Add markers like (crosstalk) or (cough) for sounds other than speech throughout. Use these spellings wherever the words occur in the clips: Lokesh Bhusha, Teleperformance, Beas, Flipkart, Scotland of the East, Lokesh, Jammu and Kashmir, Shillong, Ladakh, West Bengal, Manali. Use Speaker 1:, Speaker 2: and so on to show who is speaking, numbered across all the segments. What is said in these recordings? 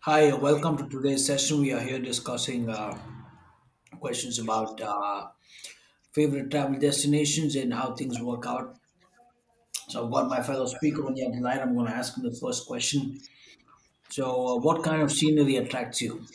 Speaker 1: Hi, welcome to today's session. We are here discussing questions about favorite travel destinations and how things work out. So, I've got my fellow speaker on the other line. I'm going to ask him the first question. So, what kind of scenery attracts you?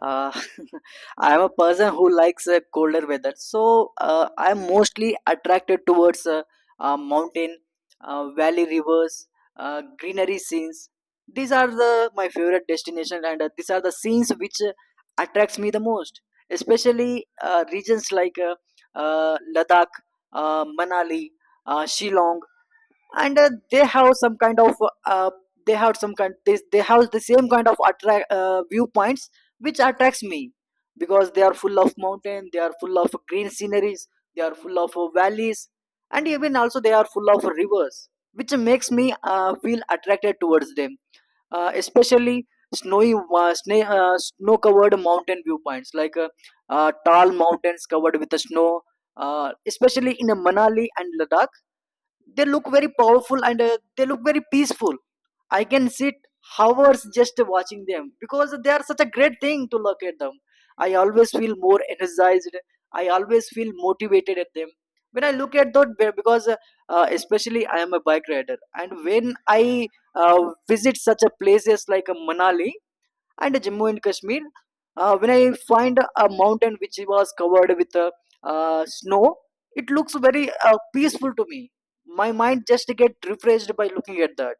Speaker 2: Uh, (laughs) I am a person who likes colder weather, so I am mostly attracted towards mountain, valley rivers, greenery scenes. These are the my favorite destination, and these are the scenes which attracts me the most. Especially regions like Ladakh, Manali, Shillong and they have some kind of uh, they have the same kind of attract viewpoints which attracts me because they are full of mountain, they are full of green sceneries, they are full of valleys, and even also they are full of rivers which makes me feel attracted towards them. Especially snowy snow covered mountain viewpoints like tall mountains covered with the snow, especially in manali and ladakh. They look very powerful and they look very peaceful. I can sit hours just watching them because they are such a great thing to look at them. I always feel more energized, I always feel motivated at them when I look at that because especially I am a bike rider, and when I uh, visit such a places like manali and Jammu and Kashmir. When I find a mountain which was covered with snow, it looks very peaceful to me. My mind just get refreshed by looking at that.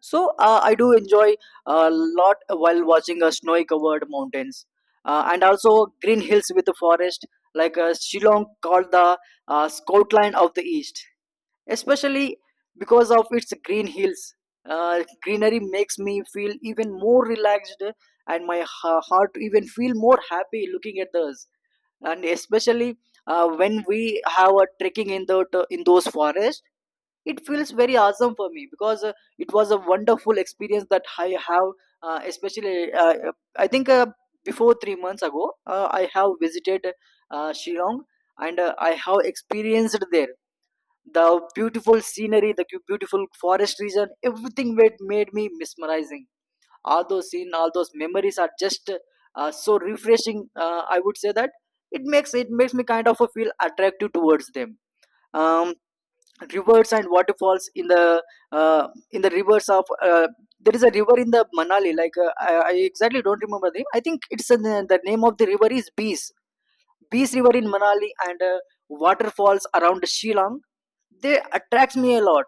Speaker 2: So I do enjoy a lot while watching snowy covered mountains, and also green hills with the forest like Shillong, called the Scotland of the East, especially because of its green hills. Greenery makes me feel even more relaxed, and my heart even feel more happy looking at those. And especially when we have a trekking in the in those forests, it feels very awesome for me because it was a wonderful experience that I have. Especially I think before 3 months ago I have visited shillong, and I have experienced there the beautiful scenery, the beautiful forest region. Everything made me mesmerizing. All those scenes, all those memories are just so refreshing. I would say that it makes me kind of a feel attractive towards them. um, Rivers and waterfalls in the rivers of there is a river in the manali like I exactly don't remember the name. I think it's in the name of the river is bees Peace River in Manali. And waterfalls around Shillong, they attracts me a lot.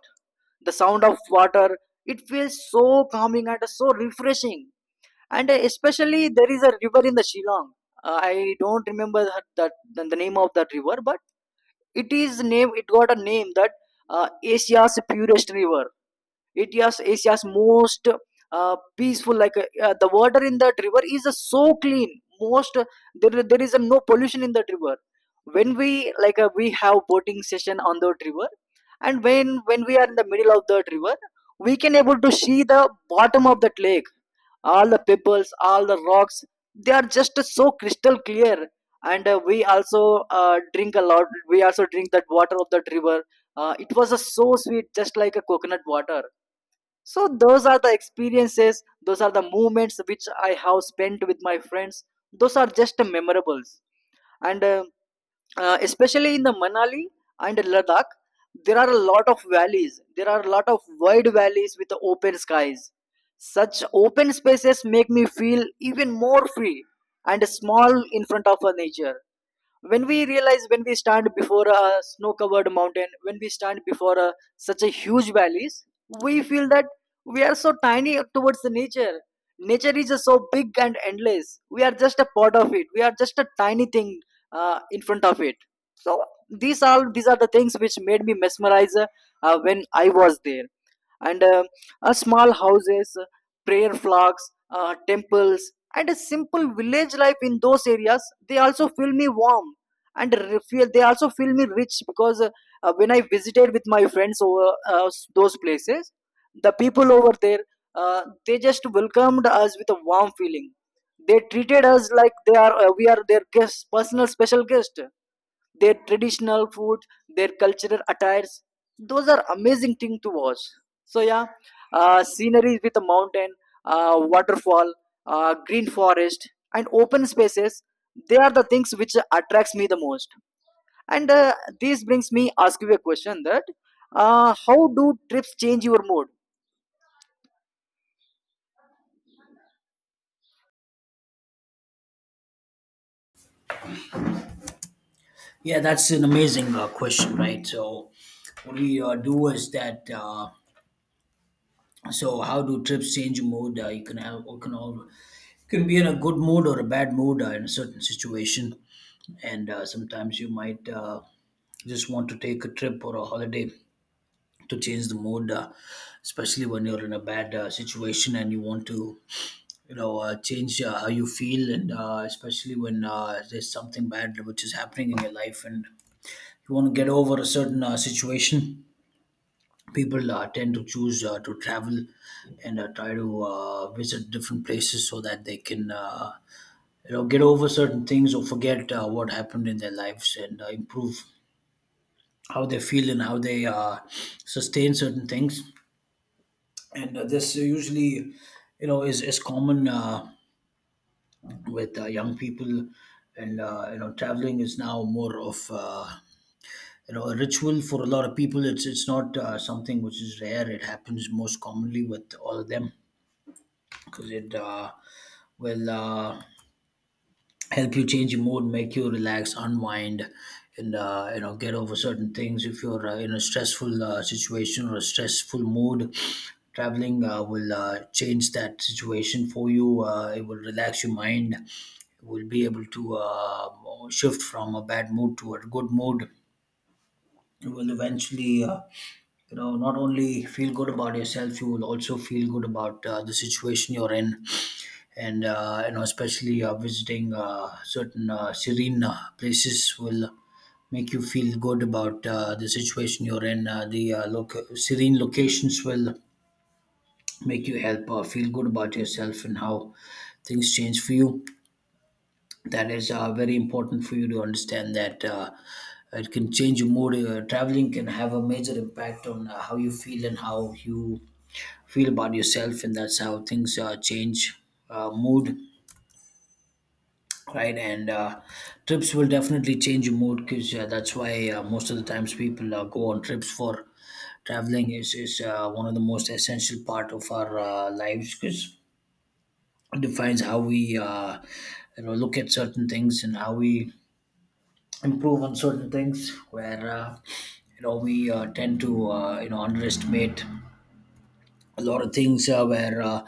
Speaker 2: The sound of water, it feels so calming and so refreshing. And especially there is a river in the Shillong. I don't remember that, that the name of that river, but it is name. It got a name that Asia's purest river. It is asia's most uh, peaceful, like the water in that river is so clean. Most There is no pollution in that river. When we like we have boating session on that river, and when we are in the middle of that river, we can able to see the bottom of that lake, all the pebbles, all the rocks, they are just so crystal clear. And we also drink a lot we also drink that water of that river. It was so sweet, just like a coconut water. So those are the experiences, those are the moments which I have spent with my friends. Those are just memorables. And especially in the Manali and Ladakh, there are a lot of valleys. There are a lot of wide valleys with the open skies. Such open spaces make me feel even more free and small in front of a nature. When we realize, when we stand before a snow covered mountain, when we stand before a, such a huge valleys, we feel that we are so tiny towards the nature. Nature is just so big and endless. We are just a part of it, we are just a tiny thing in front of it. So these are the things which made me mesmerize when I was there. And small houses, prayer flags, temples, and a simple village life in those areas, they also feel me warm and refuel they also feel me rich because when I visited with my friends over uh, those places, the people over there they just welcomed us with a warm feeling. They treated us like they are we are their guests, personal special guest. Their traditional food, their cultural attires, those are amazing thing to watch. So yeah, scenery with a mountain, waterfall, green forest, and open spaces. They are the things which attracts me the most. And this brings me ask you a question that how do trips change your mood?
Speaker 1: Yeah, that's an amazing question, right? So, what we do is that. So, how do trips change your mood? You can have, you can all, you can be in a good mood or a bad mood in a certain situation and sometimes you might just want to take a trip or a holiday to change the mood especially when you're in a bad situation, and you want to you know change how you feel. And especially when there's something bad which is happening in your life, and you want to get over a certain situation, people tend to choose to travel and try to visit different places so that they can you know get over certain things or forget what happened in their lives and improve how they feel and how they sustain certain things. And this usually, you know, is common with young people, and you know, traveling is now more of you know a ritual for a lot of people. It's not something which is rare. It happens most commonly with all of them because it will help you change your mood, make you relax, unwind, and you know get over certain things. If you're in a stressful situation or a stressful mood, traveling will change that situation for you. It will relax your mind. You will be able to shift from a bad mood to a good mood. You will eventually. You know not only feel good about yourself, you will also feel good about the situation you're in. And you know especially visiting certain serene places will make you feel good about the situation you're in. The serene locations will make you help feel good about yourself and how things change for you. That is very important for you to understand, that it can change your mood. Traveling can have a major impact on how you feel and how you feel about yourself, and that's how things change mood, right? And trips will definitely change your mood because that's why most of the times people go on trips for. Traveling is one of the most essential part of our lives, because it defines how we you know look at certain things and how we improve on certain things, where you know we tend to you know underestimate a lot of things where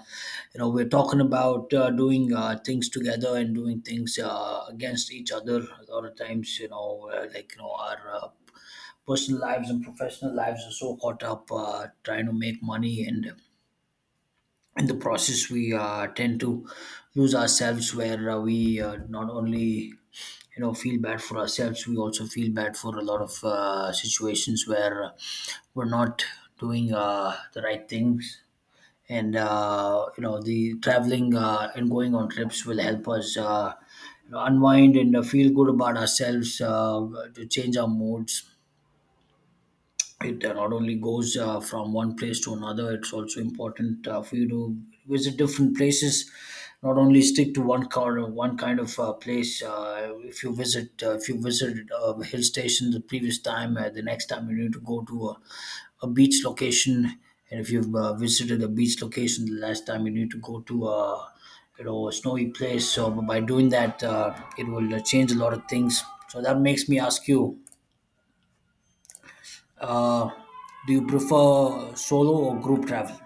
Speaker 1: you know we're talking about doing things together and doing things against each other a lot of times, you know like you know our personal lives and professional lives are so caught up trying to make money, and in the process we tend to lose ourselves, where we not only you know feel bad for ourselves, we also feel bad for a lot of situations where we're not doing the right things. And you know the traveling and going on trips will help us you know, unwind and feel good about ourselves to change our moods. It not only goes from one place to another, it's also important for you to visit different places, not only stick to one car one kind of place. If you visited a hill station the previous time, the next time you need to go to a beach location, and if you've visited a beach location the last time, you need to go to a you know a snowy place. So by doing that it will change a lot of things. So that makes me ask you, uh, do you prefer solo or group travel?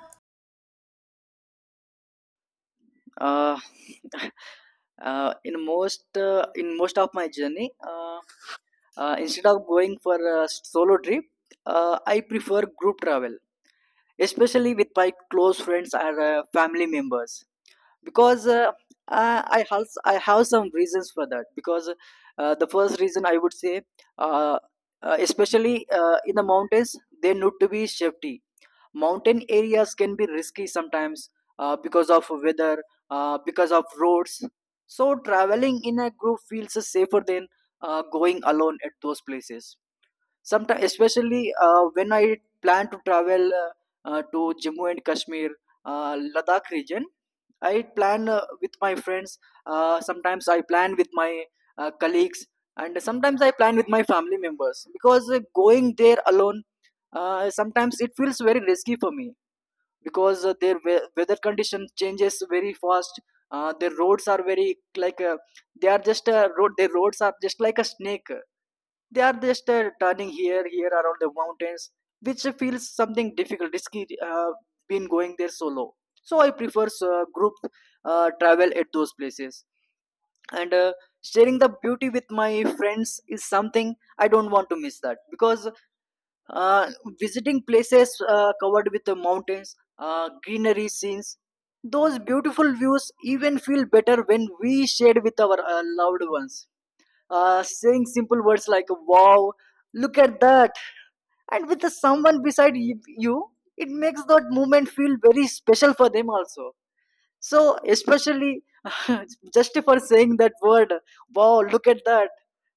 Speaker 2: Uh, (laughs) in most of my journey, instead of going for a solo trip, I prefer group travel, especially with my close friends or family members, because I I have some reasons for that. Because the first reason I would say, uh, especially in the mountains, there need to be safety. Mountain areas can be risky sometimes, because of weather, because of roads. So traveling in a group feels safer than going alone at those places sometimes, especially when I plan to travel to jammu and kashmir, ladakh region. I plan with my friends, sometimes I plan with my colleagues, and sometimes I plan with my family members because going there alone sometimes it feels very risky for me, because their weather condition changes very fast. Their roads are very, like they are just a road, their roads are just like a snake. They are just turning here, here around the mountains, which feels something difficult, risky. Been going there solo, so I prefer group travel at those places. And sharing the beauty with my friends is something I don't want to miss that, because uh, visiting places covered with the mountains, greenery scenes, those beautiful views even feel better when we shared with our loved ones. Saying simple words like wow, look at that, and with the someone beside you, it makes that moment feel very special for them also. So, especially (laughs) just for saying that word, wow, look at that,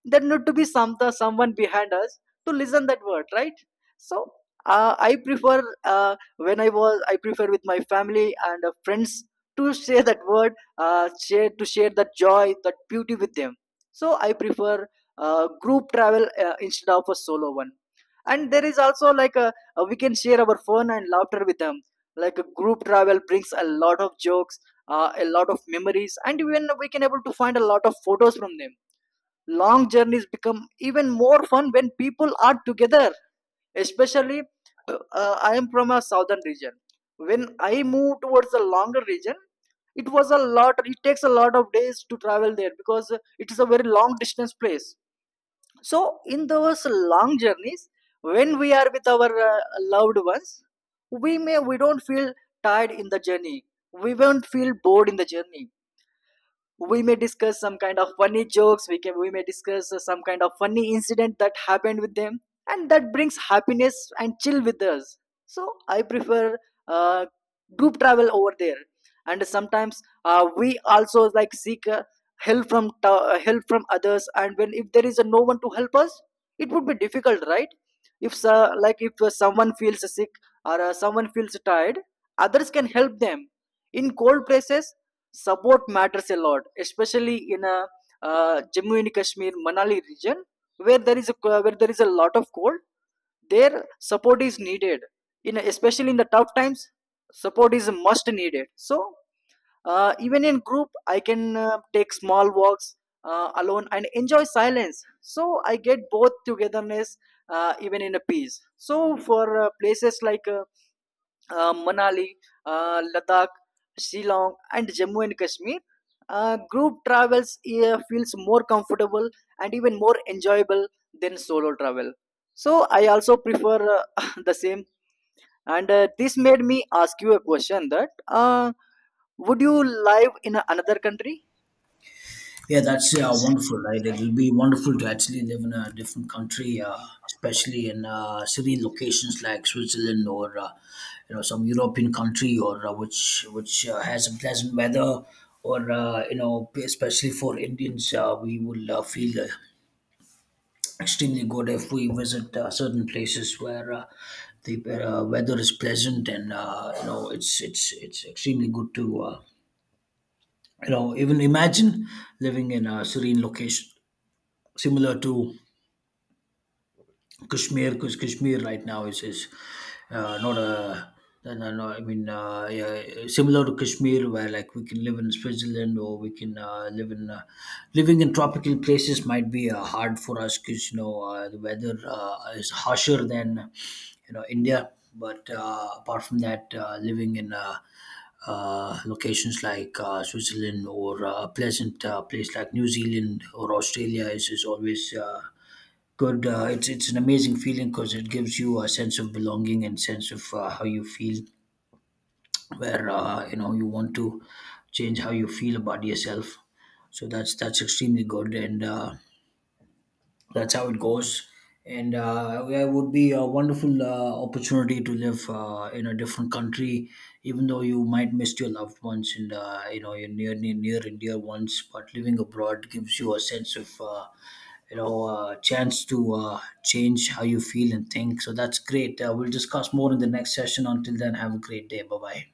Speaker 2: there need to be some someone behind us to listen that word, right? So, I prefer when I was I prefer with my family and friends to share that word, share to share that joy, that beauty with them. So, I prefer group travel instead of a solo one. And there is also like a, we can share our fun and laughter with them, like a group travel brings a lot of jokes, a lot of memories, and even we can able to find a lot of photos from them. Long journeys become even more fun when people are together, especially I am from a southern region. When I move towards the longer region, it was a lot, it takes a lot of days to travel there, because it is a very long distance place. So, in those long journeys, when we are with our loved ones, we don't feel tired in the journey. We won't feel bored in the journey. We may discuss some kind of funny jokes. We may discuss some kind of funny incident that happened with them, and that brings happiness and chill with us. So I prefer uh, group travel over there. And sometimes we also like seek help from others. And when if there is a no one to help us, it would be difficult, right? If like if someone feels sick or someone feels tired, others can help them. In cold places support matters a lot, especially in a Jammu and Kashmir, Manali region, where there is a lot of cold. Their support is needed, in especially in the tough times. Support is must needed. So even in group, I can take small walks alone and enjoy silence. So I get both togetherness even in a peace. So for places like Manali, Ladakh, Shillong, and Jammu and Kashmir. Group travels feels more comfortable and even more enjoyable than solo travel. So I also prefer (laughs) the same. And this made me ask you a question that would you live in another country?
Speaker 1: Yeah, that's wonderful, right? It'll be wonderful to actually live in a different country, especially in city locations like Switzerland or you know some European country, or which has a pleasant weather, or you know especially for Indians, we will feel extremely good if we visit certain places where the weather is pleasant, and you know it's extremely good to. You know even imagine living in a serene location similar to Kashmir, because Kashmir right now is not a no, no, no, I mean, yeah, similar to Kashmir, where like we can live in Switzerland, or we can live in living in tropical places might be hard for us because you know the weather is harsher than you know India. But apart from that, living in locations like Switzerland or a pleasant place like New Zealand or Australia is always good. It's an amazing feeling because it gives you a sense of belonging and sense of how you feel, where you know you want to change how you feel about yourself. So that's extremely good, and that's how it goes. And yeah, it would be a wonderful opportunity to live in a different country, even though you might miss your loved ones and you know your near and dear ones. But living abroad gives you a sense of you know, a chance to change how you feel and think. So that's great. We'll discuss more in the next session. Until then, have a great day. Bye bye.